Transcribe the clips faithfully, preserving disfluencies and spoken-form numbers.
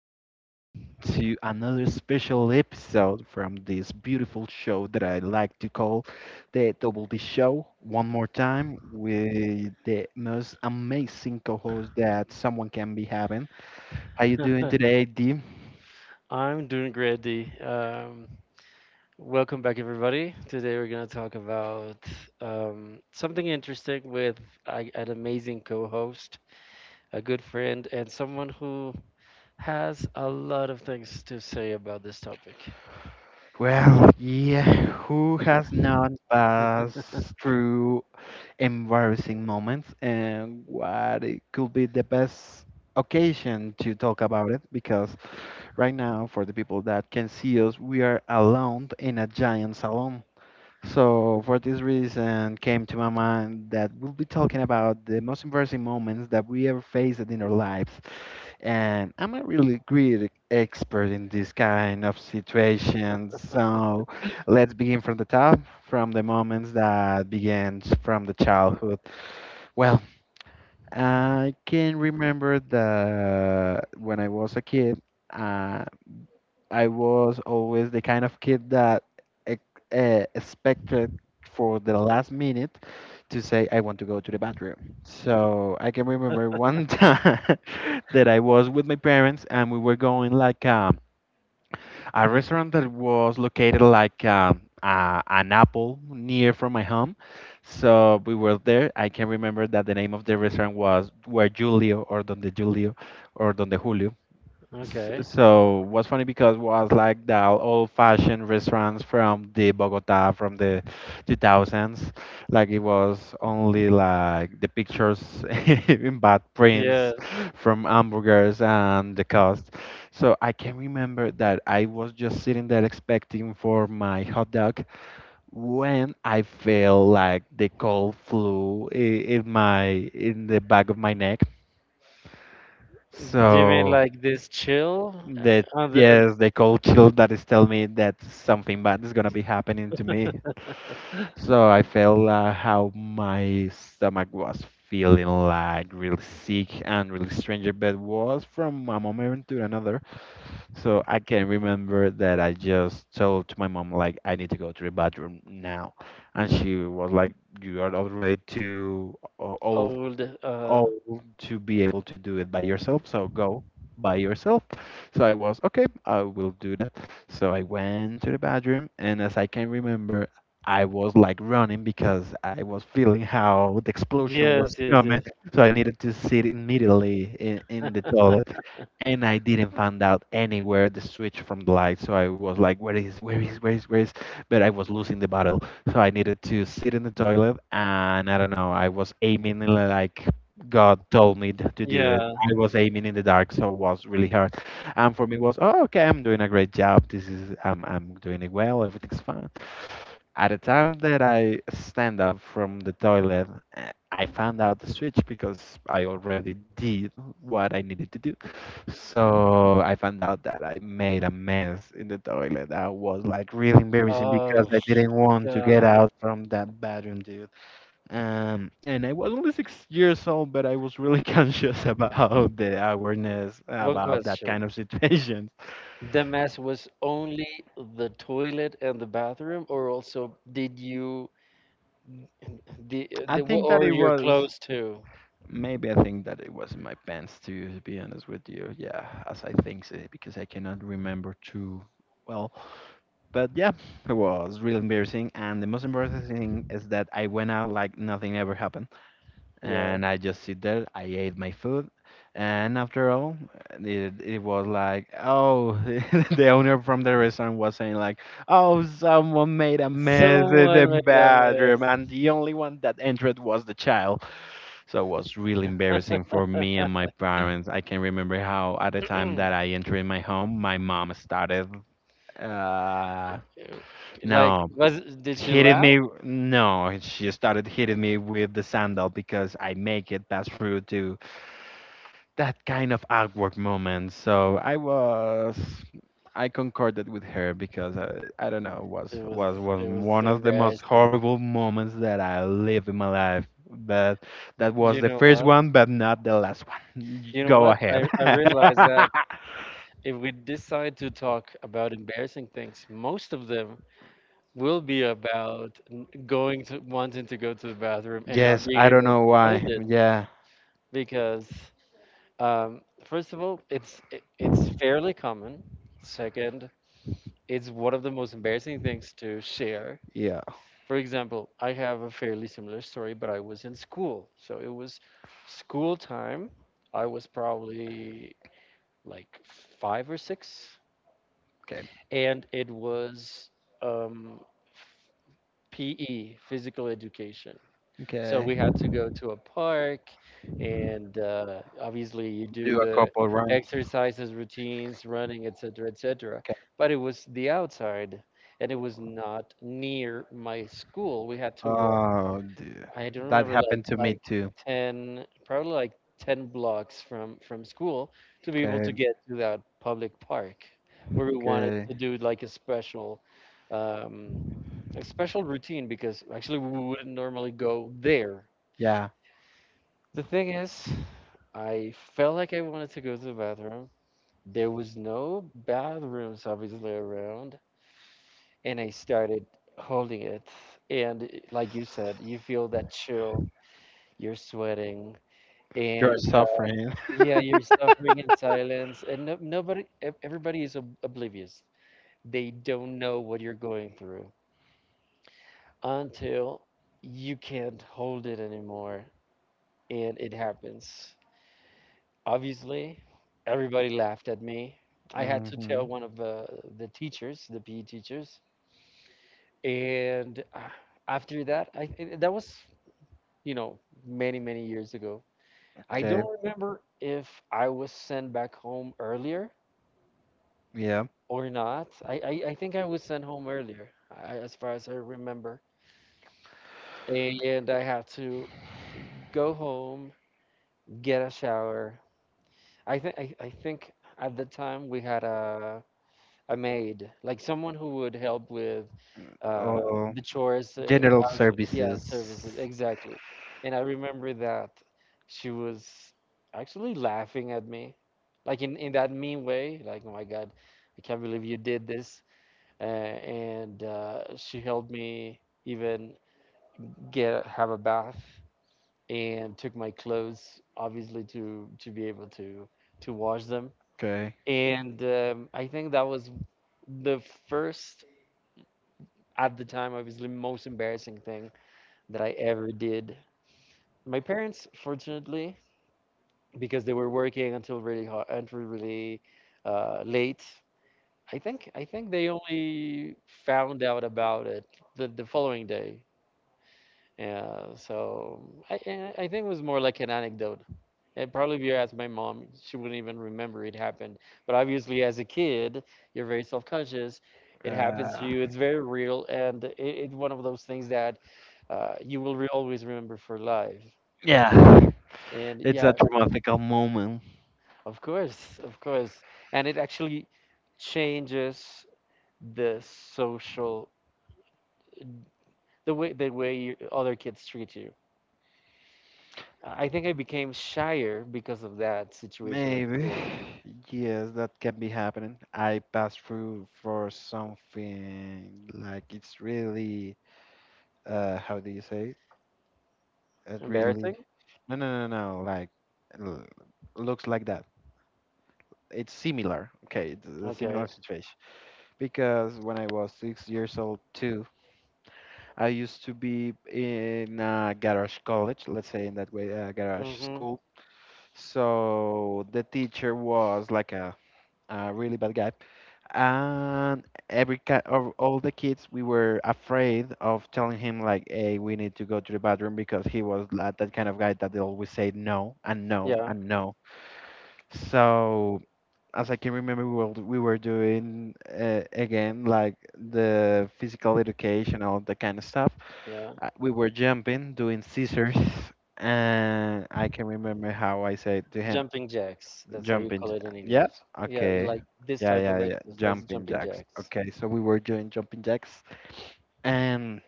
more time to another special episode from this beautiful show that I like to call the Double D Show. One more time with the most amazing co-host that someone can be having. How you doing today, D? I'm doing great, D. Um, welcome back, everybody. Today we're gonna talk about um, something interesting with a, an amazing co-host, a good friend, and someone who has a lot of things to say about this topic. Well, yeah, who has not passed through embarrassing moments and what it could be the best occasion to talk about it because right now, for the people that can see us, we are alone in a giant salon. So, for this reason, came to my mind that we'll be talking about the most embarrassing moments that we ever faced in our lives. And I'm a really great expert in this kind of situations. So, let's begin from the top, from the moments that began from the childhood. Well, I can remember that when I was a kid. uh. I was always the kind of kid that ex- uh, expected for the last minute to say, I want to go to the bathroom. So I can remember one time that I was with my parents and we were going like um, a restaurant that was located like um, uh, an apple near from my home. So we were there. I can remember that the name of the restaurant was Where Julio or Donde Julio or Donde Julio. S- Okay. So was funny because was like the old-fashioned restaurants from the Bogota from the two thousands. Like it was only like the pictures in bad prints Yeah. from hamburgers and the cost. So I can remember that I was just sitting there expecting for my hot dog when I felt like the cold flew i- in my in the back of my neck. Do you mean So. like this chill That uh, on the on Yes, the cold chill that is telling me that something bad is gonna be happening to me. So I felt uh, how my stomach was feeling like really sick and really strange, but was from a moment to another. So I can remember that I just told to my mom like I need to go to the bathroom now, and she was like, "You are already too o- old old? Uh, old to be able to do it by yourself. So go by yourself." So I was, okay, I will do that. So I went to the bathroom, and as I can remember, I was like running because I was feeling how the explosion was yes, yes, coming. yes. So I needed to sit immediately in, in the toilet and I didn't find out anywhere the switch from the light. So I was like, where is, where is, where is, where is? But I was losing the battle. So I needed to sit in the toilet and I don't know, I was aiming like God told me t- to do it. Yeah. I was aiming in the dark, so it was really hard. And for me was, oh, okay, I'm doing a great job. This is, I'm, I'm doing it well. Everything's fine. At the time that I stand up from the toilet, eh, I found out the switch because I already did what I needed to do. So I found out that I made a mess in the toilet. That was like really embarrassing because Oh I didn't want to get God. out from that bathroom, dude. Um, and I was only six years old, but I was really conscious about the awareness One about that question. kind of situations. The mess was only the toilet and the bathroom, or also did you the I the think that or it your was clothes too? maybe I think that it was in my pants too, to be honest with you. Yeah, as I think so, because I cannot remember too well. But yeah, it was really embarrassing. And the most embarrassing thing is that I went out like nothing ever happened. Yeah, And I just sit there, I ate my food. And after all, it, it was like, oh, the owner from the restaurant was saying, like, oh, someone made a mess in the someone made a mess. bathroom. And the only one that entered was the child. So it was really embarrassing for me and my parents. I can remember how at the time that I entered my home, my mom started. Uh, Uh, Like, no, was did she hitting laugh? me. No, she started hitting me with the sandal because I make it pass through to that kind of awkward moment. So I was, I concorded with her because I, I don't know, was It was was was it was one of the most embarrassing. horrible moments that I live in my life. But that was You the know first what? one, but not the last one. You know Go what? ahead. I I realized that if we decide to talk about embarrassing things, most of them will be about n- going to wanting to go to the bathroom and not Yes, being I don't able know to hold why. it, Yeah, because um, first of all, it's i- it's fairly common. Second, it's one of the most embarrassing things to share. yeah. For example, I have a fairly similar story, but I was in school, so it was school time. I was probably like five or six, Okay. and it was um, P E, physical education. So Okay. we had to go to a park, and uh, obviously you do Do a the couple rounds. exercises, routines, running, et cetera, et cetera. Okay. But it was the outside, and it was not near my school. We had to walk. Oh, dear. I don't That remember like happened to me like too. ten, probably like ten blocks from from school to be able Okay. to get to that public park where we wanted Okay. to do like a special. Um, a special routine, because actually we wouldn't normally go there. Yeah, The thing is, I felt like I wanted to go to the bathroom. There was no bathrooms obviously around, and I started holding it. And i- like you said, you feel that chill, you're sweating, you're and suffering. yeah, you're suffering in silence, and no, nobody, ev- everybody is ob oblivious. They don't know what you're going through until you can't hold it anymore, and it happens. Obviously, everybody laughed at me. I had to tell Mm-hmm. one of the the teachers, the P E teachers, and uh, after that, I and that was you know many many years ago. I Okay. don't remember if I was sent back home earlier Yeah. or not. I I, I think I was sent home earlier, I, as far as I remember, and I had to go home, get a shower. I think I I think at the time we had a a maid, like someone who would help with uh, Oh, the chores, uh, general house, yeah, services, services. exactly. And I remember that she was actually laughing at me, like in, in that mean way, like, oh my God, I can't believe you did this. Uh, and uh, she helped me even get have a bath and took my clothes, obviously, to to be able to to wash them. Okay. And um, I think that was the first at the time obviously the most embarrassing thing that I ever did. My parents, fortunately, because they were working until really hard, until really uh, late. I think I think they only found out about it the, the following day. Yeah, so I and I think it was more like an anecdote. And probably if you ask my mom, she wouldn't even remember it happened. But obviously, as a kid, you're very self-conscious. Okay. It happens to Uh, you. It's very real, and it, it's one of those things that uh, you will re- always remember for life. Yeah, And it's yeah, a traumatic moment. of course, of course. And it actually changes the social, the way the way you, other kids treat you. I think I became shyer because of that situation at Maybe. school. Yes, that can be happening. I passed through for something like it's really uh how do you say? It really Embarrassing? no, no, no, no, like l- looks like that. It's similar. Okay, it's a Okay. similar situation because when I was six years old too, I used to be in a garage college, let's say in that way, a garage Mm-hmm. school. So the teacher was like a, a really bad guy, and every ki of all the kids we were afraid of telling him like, "Hey, we need to go to the bathroom," because he was like that kind of guy that they always say no and no Yeah. and no. So as I can remember, we were we were doing uh, again like the physical education, all that kind of stuff. Yeah. Uh, We were jumping, doing scissors, and I can remember how I said to him. Jumping jacks. That's how you Jumping. call j- it in Yeah. English. Yeah, Okay. like this Yeah, type of yeah, yeah. exercise, Jumping jumping jacks. jacks. Okay, so we were doing jumping jacks, and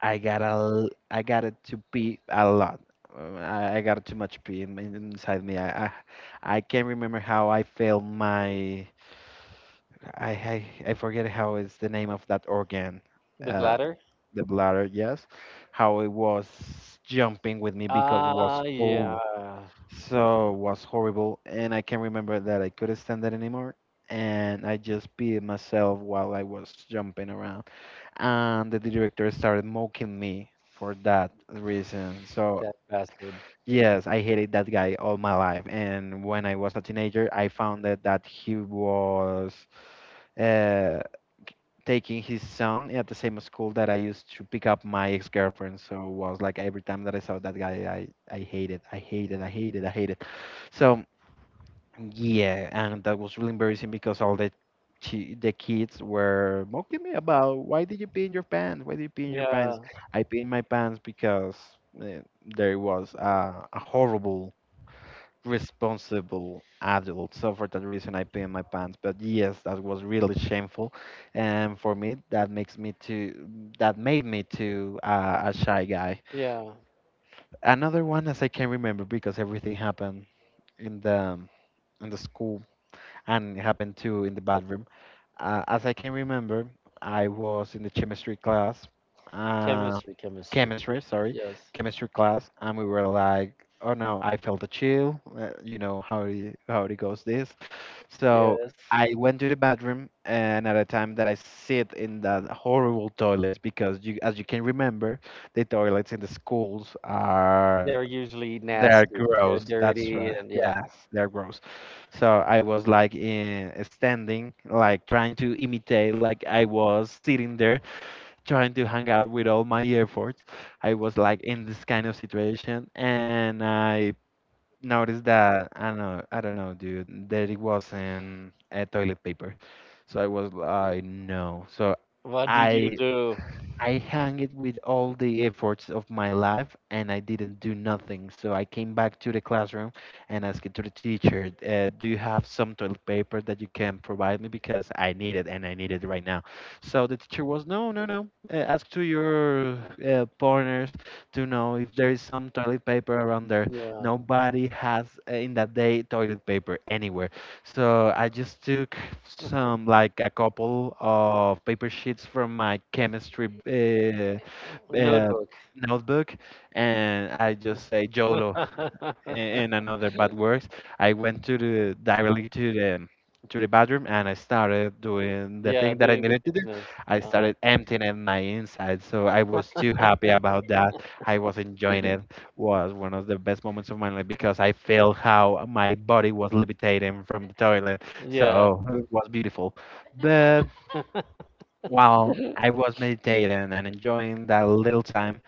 I got a, l- I got it to pee a lot. Uh, I, I got too much pee in, in- inside me. I, I, I can't remember how I failed my. I, I, I forget how is the name of that organ. The Uh bladder? the bladder, yes, how it was jumping with me because it Ah, was full. yeah. So it was horrible. And I can remember that I couldn't stand it anymore. And I just peed myself while I was jumping around. And the director started mocking me for that reason. So, That bastard. yes, I hated that guy all my life. And when I was a teenager, I found that, that he was uh, taking his son at the same school that I used to pick up my ex-girlfriend. So it was like every time that I saw that guy, I I hated, I hated, I hated, I hated. So yeah, and that was really embarrassing because all the chi- the kids were mocking me about why did you pee in your pants? Why did you pee in your pants? Yeah. I pee in my pants because uh, there was a, a horrible responsible adult. So for that reason, I pee in my pants. But yes, that was really shameful, and for me, that makes me to that made me to uh, a shy guy. Yeah. Another one, as I can remember, because everything happened in the in the school and it happened too in the bathroom. Uh, as I can remember, I was in the chemistry class, uh, Chemistry, chemistry. chemistry, sorry, Yes. chemistry class, and we were like, oh no, I felt a chill. Uh, you know how it, how it goes this. So Yes. I went to the bathroom, and at a time that I sit in that horrible toilets because you, as you can remember, the toilets in the schools are They're usually they're nasty. They're gross. That's dirty, right. and yeah. Yes, they're gross. So I was like in standing, like trying to imitate, like I was sitting there trying to hang out with all my efforts. I was like in this kind of situation, and I noticed that I don't know, I don't know, dude, that it wasn't a toilet paper. So I was like, no. So What did you I do? I hung it with all the efforts of my life and I didn't do nothing. So I came back to the classroom and asked to the teacher, uh, do you have some toilet paper that you can provide me because I need it and I need it right now. So the teacher was, no, no, no. Uh, ask to your uh, partners to know if there is some toilet paper around there. Yeah. Nobody has uh, in that day toilet paper anywhere. So I just took some, like a couple of paper sheets from my chemistry uh, uh, Notebook. notebook, and I just say YOLO and another bad words. I went to the directly to the to the bathroom and I started doing the Yeah, thing that I doing the needed to do. business. I Uh, started emptying my insides, so I was too happy about that. I was enjoying it. Was one of the best moments of my life because I felt how my body was levitating from the toilet. yeah. So it was beautiful. But while I was meditating and enjoying that little time,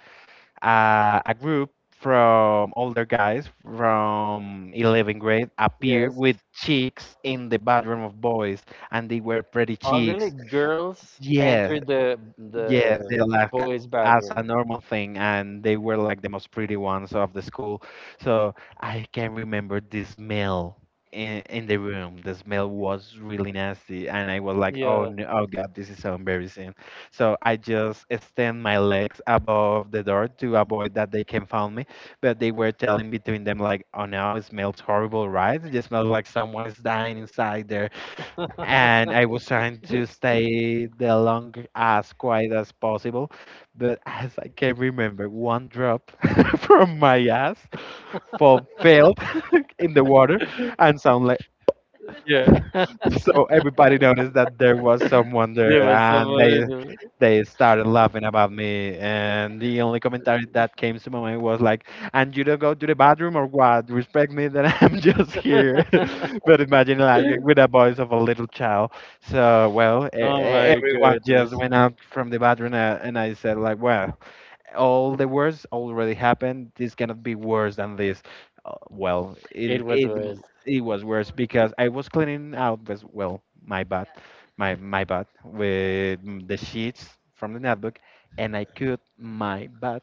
uh, a group from older guys from eleventh grade appeared Yes. with chicks in the bathroom of boys, and they were pretty Oh, really? chicks. Girls Yeah. enter the Yes, they the left ca- boys' as bathroom. a normal thing, and they were like the most pretty ones of the school. So I can remember the smell in, in the room. The smell was really nasty, and I was like, "Oh Yeah. no, oh God, this is so embarrassing." So I just extend my legs above the door to avoid that they can find me. But they were telling between them like, "Oh no, it smells horrible, right? It just smells like someone is dying inside there." And I was trying to stay the long as quiet as possible, but as I can remember, one drop from my ass fall, fell in the water and sound like Yeah. so everybody noticed that there was someone There there, was and somebody. they There. they started laughing about me, and the only commentary that came to my mind was like, "And you don't go to the bathroom, or what? Respect me that I'm just here." But imagine like with the voice of a little child. So well, e- Oh e- my everyone goodness. just went out from the bathroom, uh, and I said like, "Well, all the worst already happened. This cannot be worse than this." Uh, well, It it, was it worse. it was worse because I was cleaning out with, well, my butt, my my butt with m- the sheets from the notebook, and I cut my butt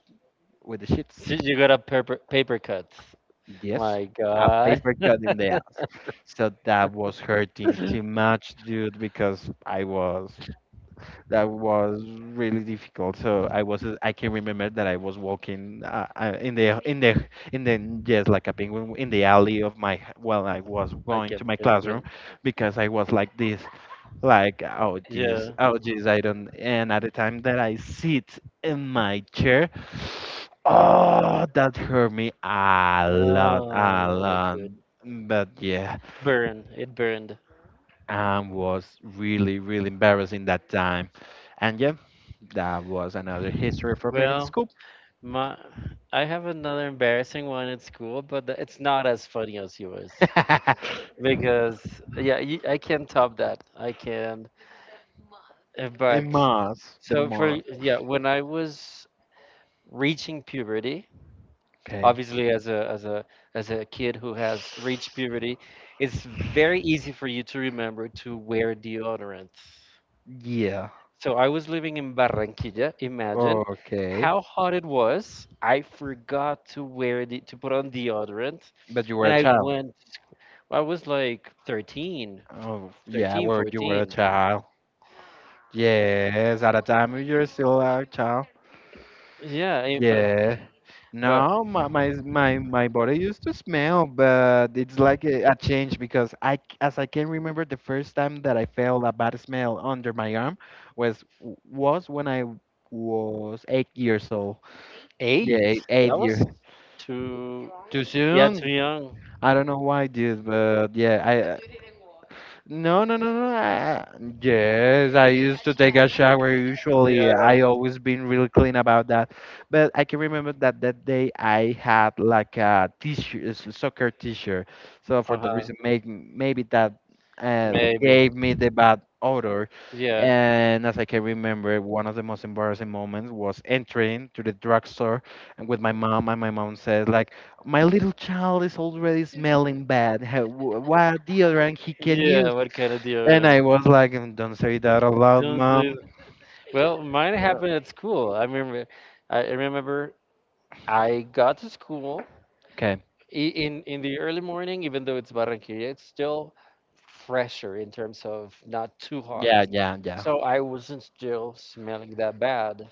with the sheets. She, you got a paper paper cut. Yes, My a God. paper cut in the ass. So that was hurting too much, dude, because I was, that was really difficult. So I was, I can remember that I was walking uh, uh, in the in the in the yes, like a penguin in the alley of, my, well, I was Like going a to my classroom penguin. because I was like this, like, "Oh jeez, Yeah. oh jeez, I don't." And at the time that I sit in my chair, oh, that hurt me a lot, a Oh my lot. good. But yeah, Burn. It burned. and was really, really embarrassing that time. And yeah, that was another history for me in Well, school. my I have another embarrassing one at school, but th- it's not as funny as yours because yeah, you, I can top that. I can, Uh, in but math, the so for math. yeah, when I was reaching puberty, Okay. obviously as a as a as a kid who has reached puberty, it's very easy for you to remember to wear deodorant. Yeah. So I was living in Barranquilla. Imagine Okay. how hot it was. I forgot to wear the to put on deodorant, But you were and a I child. went. To sc- I was like thirteen, Oh, yeah, thirteen, well, you were a fourteen. child. Yes, at the time you were still a child. Yeah, I- but Yeah. but No, my, my my my body used to smell, but it's like a, a change because I c- as I can remember, the first time that I felt a bad smell under my arm was was when I was eight years old. Yeah, eight. eight, eight That years. was too. Too Yeah, too soon? young. I don't know why, dude, but yeah, I. uh, No, no, no, no. I, yes, I used to take a shower usually. Yeah. I always been really clean about that. But I can remember that that day I had like a t-shirt, a soccer t-shirt. So for that Uh-huh. reason, make, maybe that uh, Maybe. gave me the bad odor. Yeah. And as I can remember, one of the most embarrassing moments was entering to the drugstore and with my mom, and my mom said like, "My little child is already smelling bad." "How, wh- what deodorant he can Yeah, use?" what kind of And deodorant? I was like, "Mm, don't say that aloud, Don't mom." do Well, mine happened at school. I remember, I remember I got to school Okay. i- in in the early morning, even though it's Barranquilla, it's still fresher in terms of not too hot. Yeah, yeah, yeah. So I wasn't still smelling that bad.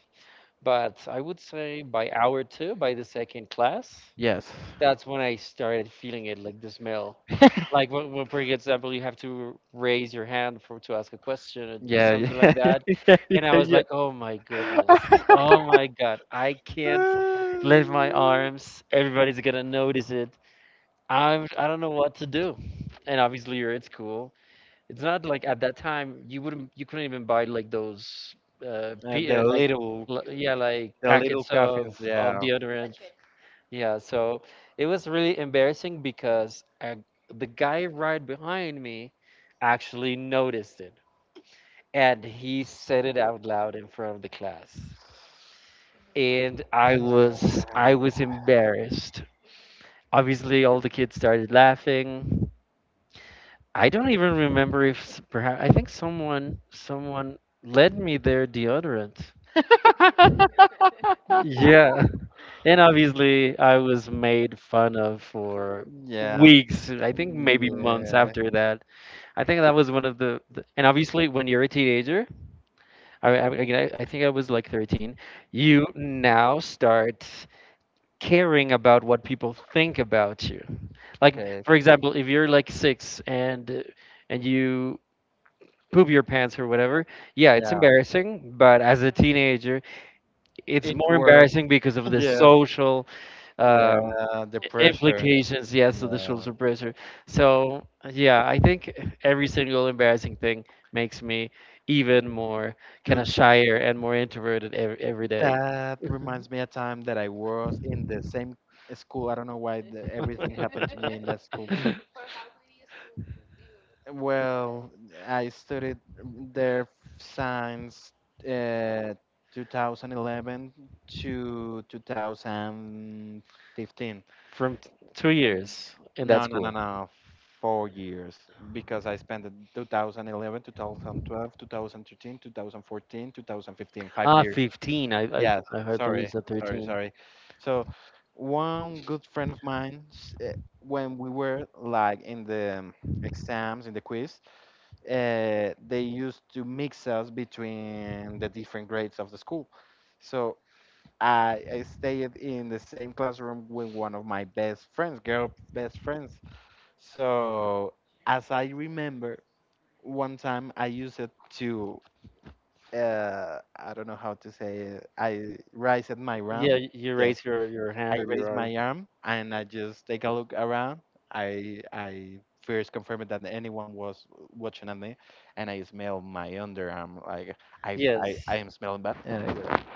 But I would say by hour two, by the second class, Yes. that's when I started feeling it, like the smell. Like when, when, for example, you have to raise your hand for to ask a question or do Yeah, something yeah, like that, and yeah, I was yeah, like, "Oh my goodness, yeah. oh my God, I can't lift my arms. Everybody's gonna notice it. I'm, I don't know what to do." And obviously, you're at school, it's not like at that time you wouldn't, you couldn't even buy like those uh, Uh, p The uh, like little, l- yeah, like the little packets coffins. of of Yeah. deodorant. Yeah, so it was really embarrassing because uh the guy right behind me actually noticed it, and he said it out loud in front of the class. And I Ah. was I was embarrassed. Obviously all the kids started laughing. I don't even remember if perhaps I think someone someone led me their deodorant. Yeah. And obviously I was made fun of for Yeah. weeks, I think maybe months Yeah. after that. I think that was one of the, the and obviously when you're a teenager, I, I I I think I was like thirteen, you now start caring about what people think about you. Like Okay. for example, if you're like six and uh, and you poop your pants or whatever. Yeah, it's Yeah. embarrassing, but as a teenager, it's It's more worse. embarrassing because of the Yes. social um, Yeah. The i- pressure. implications. Yes, of the Yeah. social pressure. So yeah, I think every single embarrassing thing makes me even more kind Dude, of shyer and more introverted every, every day. that reminds me a time that I was in the same school. I don't know why the, everything happened to me in that school. Well, I studied there since uh, two thousand eleven to two thousand fifteen. From t- two years in that No, no, no, school. no. Four years because I spent the two thousand eleven, twenty twelve, two thousand thirteen, twenty fourteen, twenty fifteen, five Ah, years. fifteen. I, I, Yeah, I heard that it's sorry, said sorry, thirteen. sorry. So, one good friend of mine, s- eh, when we were like in the um, exams, in the quiz, uh, they used to mix us between the different grades of the school. So, I, I stayed in the same classroom with one of my best friends, girl best friends, so, as I remember, one time I used it to, uh, I don't know how to say it. I raised my Yeah, arm. y- you Yes, raise your, your I hand or your raised arm. my arm and I just take a look around. I I first confirmed that anyone was watching at me, and I smell my underarm. Like, I I, Yes. I am smelling bad. And I go,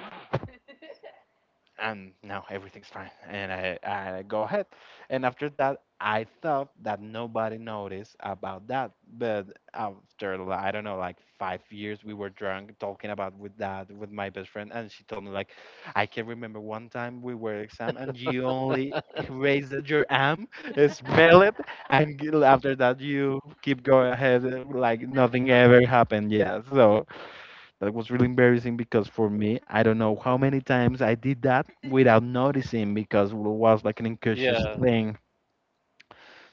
and now everything's fine. And I, I go ahead. And after that, I thought that nobody noticed about that. But after, li- I don't know, like five years, we were drunk talking about with that, with my best friend. And she told me, like, "I can remember one time we were exam and you only raised your arm, smell it. And g- after that, you keep going ahead uh, like nothing ever happened." Yeah. So that was really embarrassing because for me, I don't know how many times I did that without noticing because it was like an incautious Yeah. thing.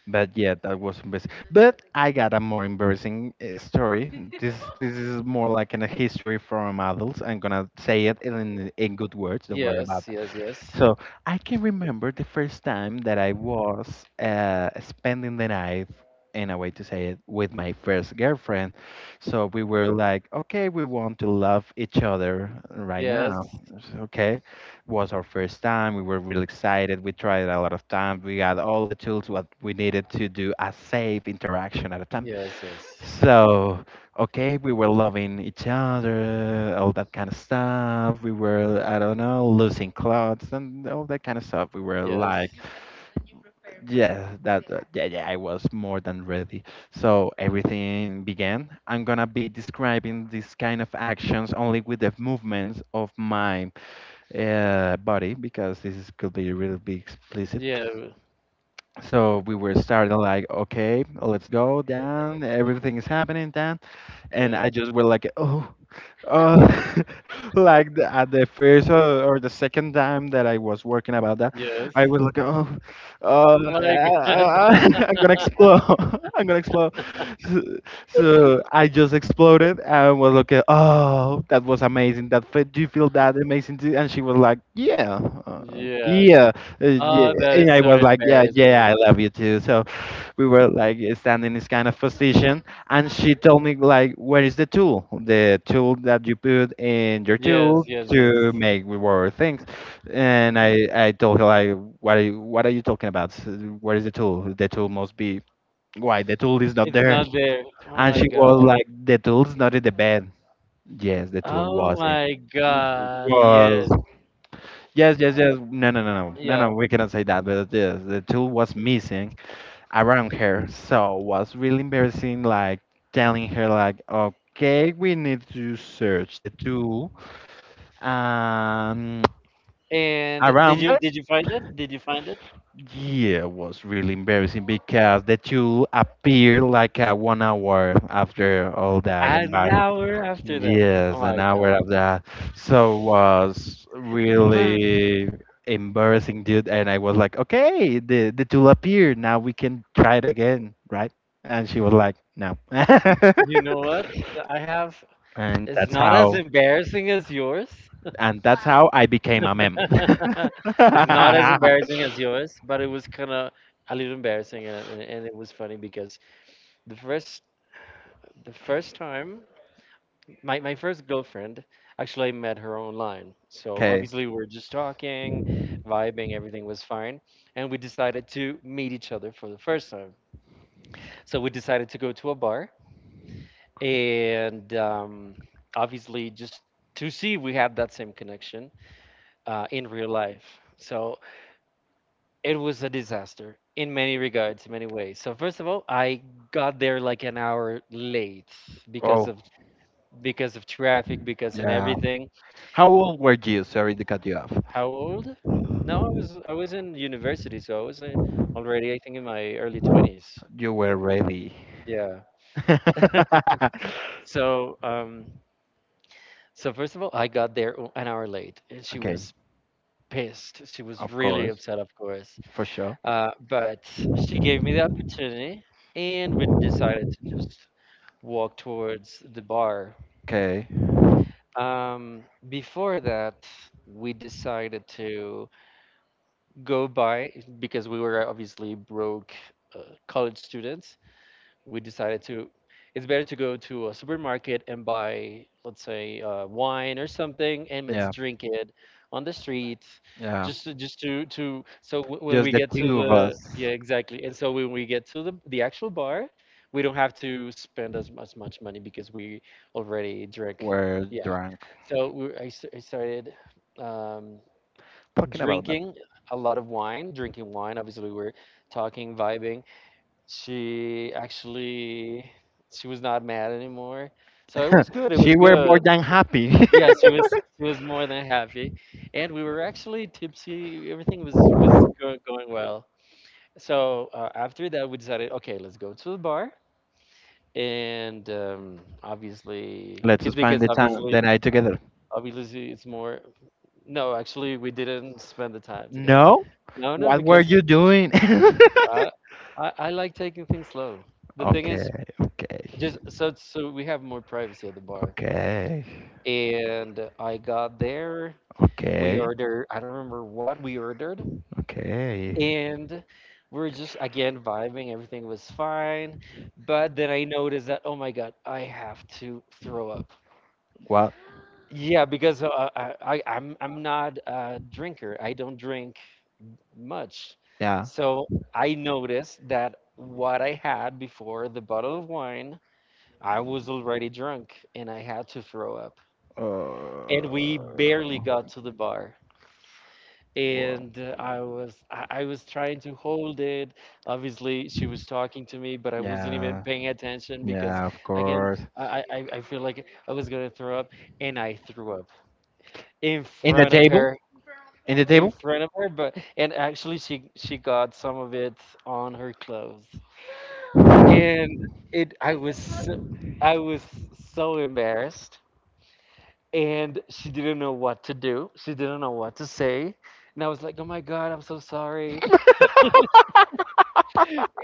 But yeah, that was embarrassing. But I got a more embarrassing uh, story. This this is more like in a history from adults. I'm gonna say it in in good words. Don't worry about. Yes, yes, yes. So I can remember the first time that I was uh, spending the night, in a way to say it, with my first girlfriend. So we were like, "Okay, we want to love each other right now." Yes. So, okay, was our first time. We were really excited. We tried a lot of times. We got all the tools what we needed to do a safe interaction at a time. Yes, yes. So, okay, we were loving each other, all that kind of stuff. We were, I don't know, losing clothes and all that kind of stuff. We were Yes. like, yeah, that, uh, yeah, yeah, I was more than ready. So everything began. I'm gonna be describing these kind of actions only with the movements of my uh, body because this is, could be really be explicit. Yeah. So we were starting like, "Okay, let's go down." Everything is happening and Yeah. I just were like, "Oh, oh," like the, at the first or, or the second time that I was working about that, Yes. I was like, "Oh, oh, My God. I'm gonna explode, I'm gonna explode." So, so I just exploded and was like, "Oh, that was amazing. That fe- do you feel that amazing too?" And she was like, "Yeah, uh, Yes. yeah, uh, yeah." Oh, that And is I so was like, "Yeah, yeah, embarrassing. I love you too." So we were like standing in this kind of position and she told me like, "Where is the tool, the tool that you put in your Yes, tool yes, yes. to make reward things?" And i i told her like, "What are you, what are you talking about? Where is the tool? The tool must be. Why the tool is not It's there?" not there. Oh And my she god. was like, "The tool's not in the bed." Yes, the tool Oh was in, my god. was, Yes. yes, yes, yes, no, no, no, no, no, no, Yeah. we cannot say that, but yes, the tool was missing around her. So was really embarrassing, like telling her, like, "Okay, we need to search the tool." Um, And did around you it, did you find it? Did you find it? yeah, was really embarrassing because the tool appeared like uh, one hour after all that. An hour after that. Oh Yes, my an hour god. of that. So was really embarrassing, dude. And I was like, "Okay, the the tool appeared. Now we can try it again, right?" And she was like, "No." You know what? I have And it's that's not as how embarrassing as yours, and that's how I became a meme. It's not as embarrassing as yours, but it was kind of a little embarrassing, and, and and it was funny because the first the first time my my first girlfriend, actually I met her online. So Okay. obviously we were just talking, vibing, everything was fine, and we decided to meet each other for the first time. So we decided to go to a bar, and um, obviously just to see we had that same connection uh, in real life. So it was a disaster in many regards, in many ways. So first of all, I got there like an hour late because Oh, of because of traffic, because and yeah. everything. How old were you? Sorry to cut you off. How old? No, I was I was in university, so I was uh, already I think in my early twenties. You were really. Yeah. So, um, so first of all, I got there o- an hour late, and she Okay. was pissed. She was Of really course, upset, of course. for sure. Uh, but she gave me the opportunity, and we decided to just walk towards the bar. Okay. Um, before that, we decided to go by because we were obviously broke uh, college students. We decided to, it's better to go to a supermarket and buy, let's say, uh, wine or something, and let's Yeah. drink it on the street Yeah. just to, just to to so w- when Just we the get to two of the, us yeah, exactly, and so when we get to the the actual bar we don't have to spend as much much money because we already drank, were yeah, drunk. so we, I, s- I started um, Talking about drinking a lot of wine, drinking wine. Obviously we were talking, vibing, she actually, she was not mad anymore. So it that. was good. It was She were more good. than happy. Yeah, she was she was more than happy. And we were actually tipsy. Everything was was go- going well. So uh, after that, we decided, okay, let's go to the bar. And um, obviously, Let's 'cause- spend because the time obviously, the night together. obviously, it's more. No, actually, we didn't spend the time together. No? No, no, What were you because doing? I, I, I like taking things slow. The thing is, Okay, okay, just so so we have more privacy at the bar. okay, And I got there. We okay, ordered. I don't remember what we ordered. okay. And we are just again vibing. Everything was fine. But then I noticed that, oh my god, I have to throw up. What? Yeah, because uh, I, I I'm I'm not a drinker. I don't drink much. Yeah. So I noticed that what I had before the bottle of wine, I was already drunk and I had to throw up. Uh, And we barely got to the bar, well. and uh, i was I, I was trying to hold it. Obviously she was talking to me, but I wasn't even Yeah. paying attention because, Yeah, of again, course. i i, I feel like I was gonna throw up, and I threw up in In the front of table? her In the in table? front of her but, and actually, she she got some of it on her clothes. And it I was so, I was so embarrassed, and she didn't know what to do. She didn't know what to say. And I was like, "Oh my God, I'm so sorry."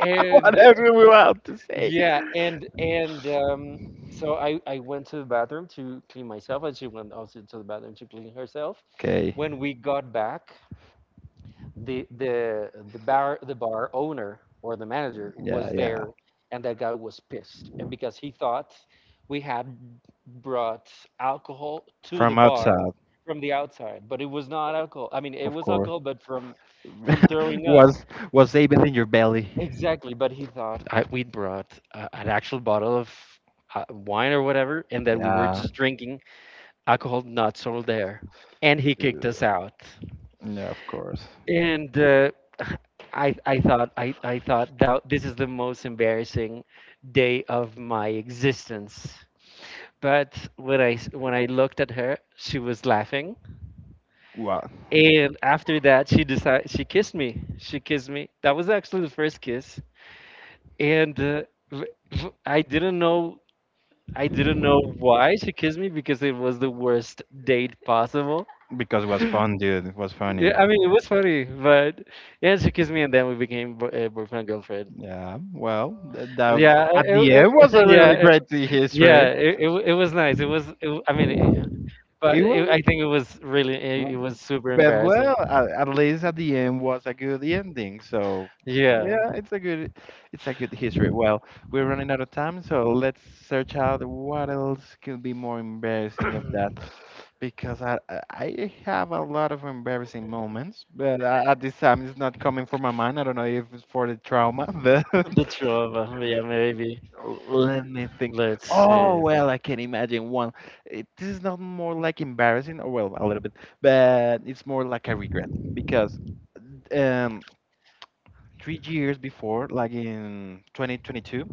And uh, Whatever we want to say. yeah, and and um, so I I went to the bathroom to clean myself, and she went also to the bathroom to clean herself. Okay. When we got back, the the the bar the bar owner or the manager Yeah, was yeah. there, and that guy was pissed uh, because he thought we had brought alcohol to the From bar outside, from the outside. But it was not alcohol. I mean, it of was course. alcohol, but from from throwing up, was was even in your belly. exactly, but he thought I, we'd brought uh, an actual bottle of uh, wine or whatever, and that we were Yeah. just drinking alcohol not sold there, and he kicked us out. Yeah, of course. And uh, I I thought I I thought that this is the most embarrassing day of my existence. But when I s- when I looked at her, she was laughing, What? and after that, she decided, she kissed me. She kissed me. That was actually the first kiss, and uh, v- v- I didn't know. I didn't know why she kissed me because it was the worst date possible. Because it was fun, dude. It was Yeah, funny. I mean, it was funny, but yeah, she kissed me, and then we became bo- uh, boyfriend girlfriend. Yeah, well, th- that Yeah, at the it, end was it, a yeah, really it, great yeah. history. It, it w- it was nice. It was. It, w- I mean, it, but It it, was, I think it was really. It, it was super but embarrassing. well, at, at least at the end was a good ending. So Yeah, yeah, it's a good, it's a good history. Well, we're running out of time, so let's search out what else could be more embarrassing of that, because I I I have a lot of embarrassing moments, but a- at this time it's not coming from my mind. I don't know if it's for the trauma, but the two of them. Yeah, maybe. let me think. Let's Oh, see. well, I can imagine one. It, this is not more like embarrassing, or well, a little bit, but it's more like a regret because um, three years before, like in twenty twenty-two.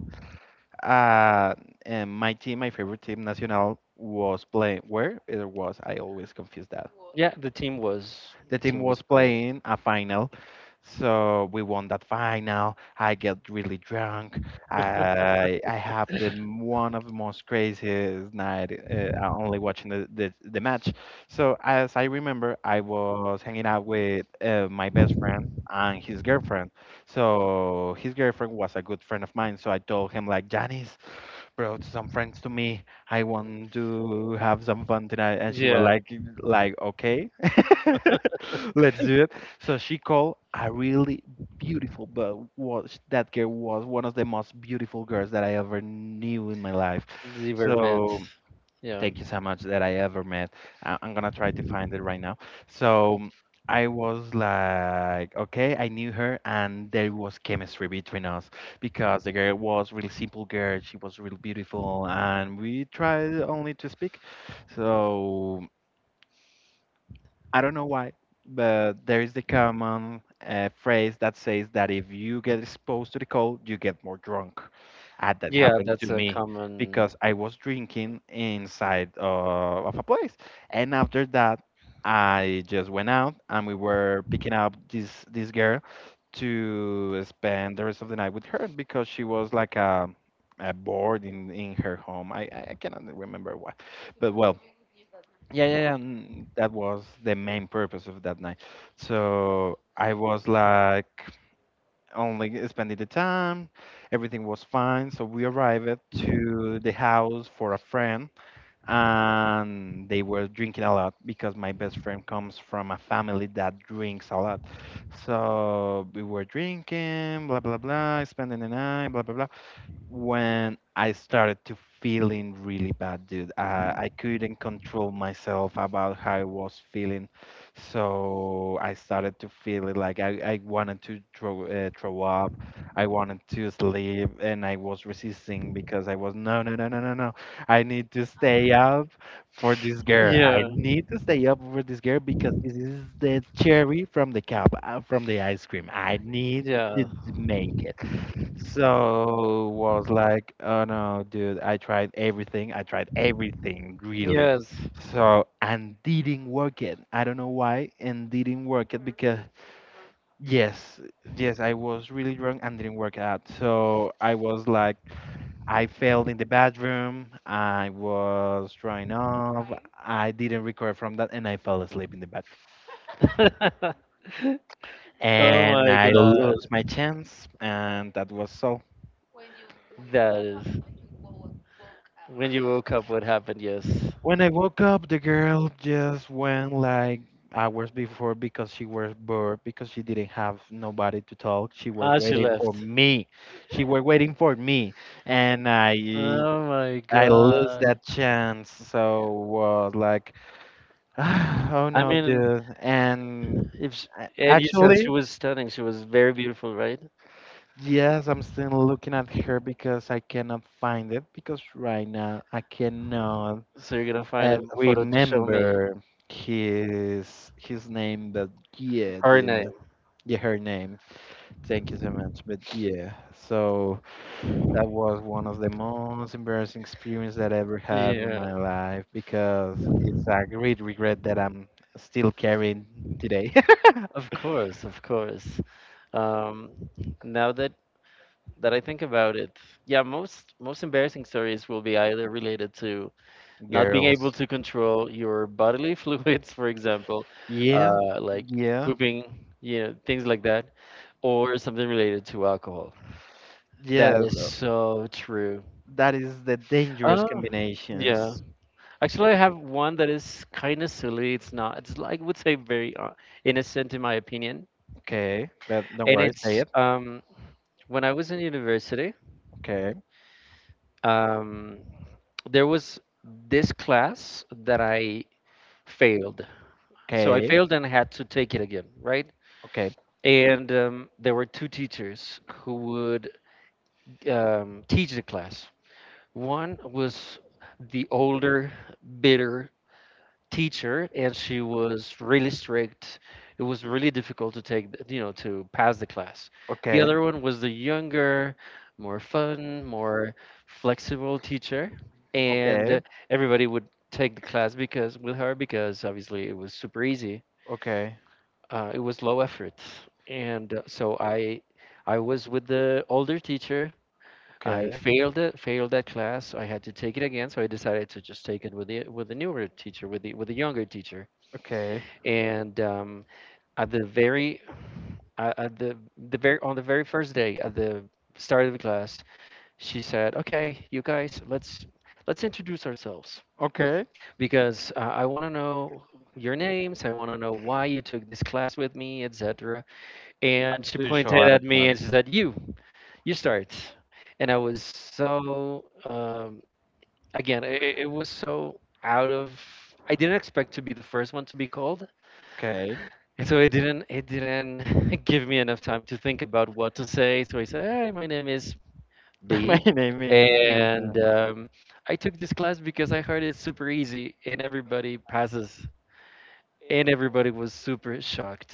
uh, and my team, my favorite team, Nacional, was playing where? It was, I always confuse that. Yeah, the team was. The The team team was was playing. playing a final. So we won that final. I get really drunk. I I have the m- one of the most craziest night uh, uh, only watching the, the the match. So as I remember, I was hanging out with uh, my best friend and his girlfriend. So his girlfriend was a good friend of mine. So I told him like, Janice, brought some friends to me. I want to have some fun tonight. And she was Yeah. like, like okay. Let's do it. So she called a really beautiful, but was that girl was one of the most beautiful girls that I ever knew in my life. Zimmerman. So Yeah. thank you so much that I ever met. I- I'm gonna try to find it right now. So I was like, okay, I knew her, and there was chemistry between us because the girl was really simple girl. She was really beautiful, and we tried only to speak. So, I don't know why, but there is the common uh, phrase that says that if you get exposed to the cold, you get more drunk. And that Yeah, happened to that's a me common. because I was drinking inside uh, of a place. And after that, I just went out and we were picking up this this girl to spend the rest of the night with her because she was like a, a board in, in her home. I, I I cannot remember why. But well, yeah, yeah, yeah, mm, that was the main purpose of that night. So I was like only spending the time. Everything was fine. So we arrived to the house for a friend, and they were drinking a lot because my best friend comes from a family that drinks a lot. So we were drinking, blah blah blah, spending the night, blah blah blah, when I started to feeling really bad, dude. I, I couldn't control myself about how I was feeling, so I started to feel it like I, I wanted to throw uh, throw up, I wanted to sleep, and I was resisting because I was no no no no no no, I need to stay up for this girl. I Yeah. need to stay up for this girl because this is the cherry from the cup, uh, from the ice cream. I need to Yeah. d- make it. So was like, oh no, dude, I tried everything. I tried everything, really. Yes. So and didn't work it. I don't know why, and didn't work it because yes, yes, I was really drunk and didn't work out. So I was like, I failed in the bathroom. I was drying off. I didn't recover from that, and I fell asleep in the bathroom. Oh And my I god. lost my chance, and that was so. That is. When you woke up, what happened? Yes. When I woke up, the girl just went like hours before because she was bored because she didn't have nobody to talk. She was Ah, she waiting for left. me. She was waiting for me, and I Oh my I lost god. that chance. So was like. Oh I no, mean, dude. And if sh, A- and you said actually, she was stunning, she was very beautiful, right? yes, I'm still looking at her because I cannot find it because right now I cannot So you're gonna find uh, a, a photo to show me remember his his name, but yeah, her name. the, yeah, her name. Thank you so much. But yeah, so that was one of the most embarrassing experience that I ever have in Yeah, my life because it's a great regret that I'm still carrying today. of course, of course. Um, Now that that I think about it, yeah, most most embarrassing stories will be either related to not being able Girls, to control your bodily fluids, for example, yeah, uh, like yeah, pooping, you know, things like that, or something related to alcohol. That yes. is so true. That is the dangerous Oh, yeah. combinations. Actually, I have one that is kind of silly. It's not. It's like, I would say very uh, innocent in my opinion, Okay, but don't and worry, say it's it. um, when I was in university. Okay, Um, there was this class that I failed. So I okay, failed and had to take it again, right? okay, And um, there were two teachers who would um, teach the class. One was the older, bitter teacher, and she was really strict. It was really difficult to take, th- you know, to pass the class. The okay, other one was the younger, more fun, more flexible teacher, and okay, uh, everybody would take the class because with her because obviously it was super easy. okay, Uh, it was low effort, and uh, so I I was with the older teacher. okay, I failed it, failed that class. I had to take it again, so I decided to just take it with the with the newer teacher, with the with the younger teacher. okay, And um, at the very uh, at the the very, on the very first day, at the start of the class, she said, okay, you guys, let's let's introduce ourselves okay. because uh, I want to know your names, I want to know why you took this class with me, etc. And As she usual pointed at a at me time. and she said, you you start. And I was so, um, again it, it was so out of, I didn't expect to be the first one to be called. Okay. And so it didn't it didn't give me enough time to think about what to say. So I said, "Hi, my name is My D, name is. Mhm. and um, I took this class because I heard it's super easy and everybody passes." And everybody was super shocked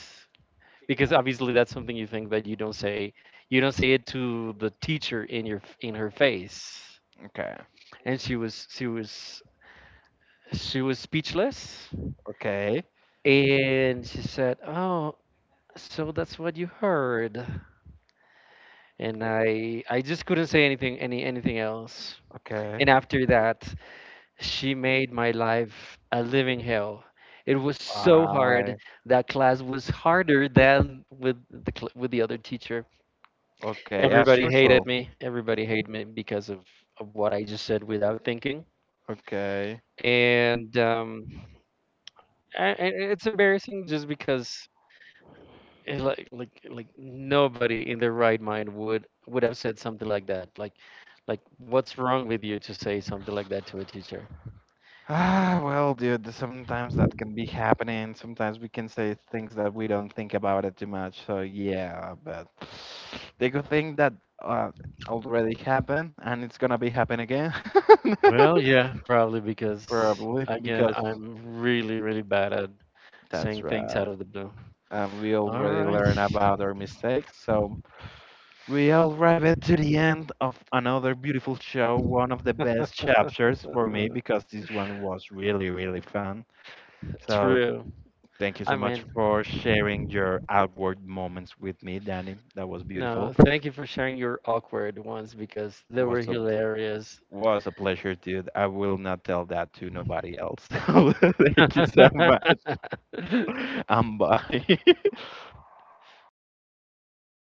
because obviously that's something you think, but you don't say. You don't say it to the teacher in your in her face. Okay, And she was she was she was speechless, okay, and she said, "Oh, so that's what you heard." And I I just couldn't say anything any anything else. okay. And after that, she made my life a living hell. It was so hard. Bye. That class was harder than with the cl- with the other teacher. Okay, as Everybody usual. hated me. Everybody hated me because of, of what I just said without thinking. Okay. And um, I, I- it's embarrassing just because. And like like like nobody in their right mind would would have said something like that. Like like what's wrong with you to say something like that to a teacher? Ah, well, dude, sometimes that can be happening. Sometimes we can say things that we don't think about it too much. So yeah, but the good thing that uh, already happened and it's gonna be happen again. Well, yeah, probably because, Probably again, because I'm really really bad at that's saying things right. out of the blue. And we All already right. learned about our mistakes. So we arrived to the end of another beautiful show, one of the best chapters for me because this one was really, really fun. So True. thank you so I much mean, for sharing your outward moments with me, Danny. That was no, beautiful. thank you for sharing your awkward ones because they were Was a hilarious. was a pleasure, dude. I will not tell that to nobody else. Thank you so much. I'm bye.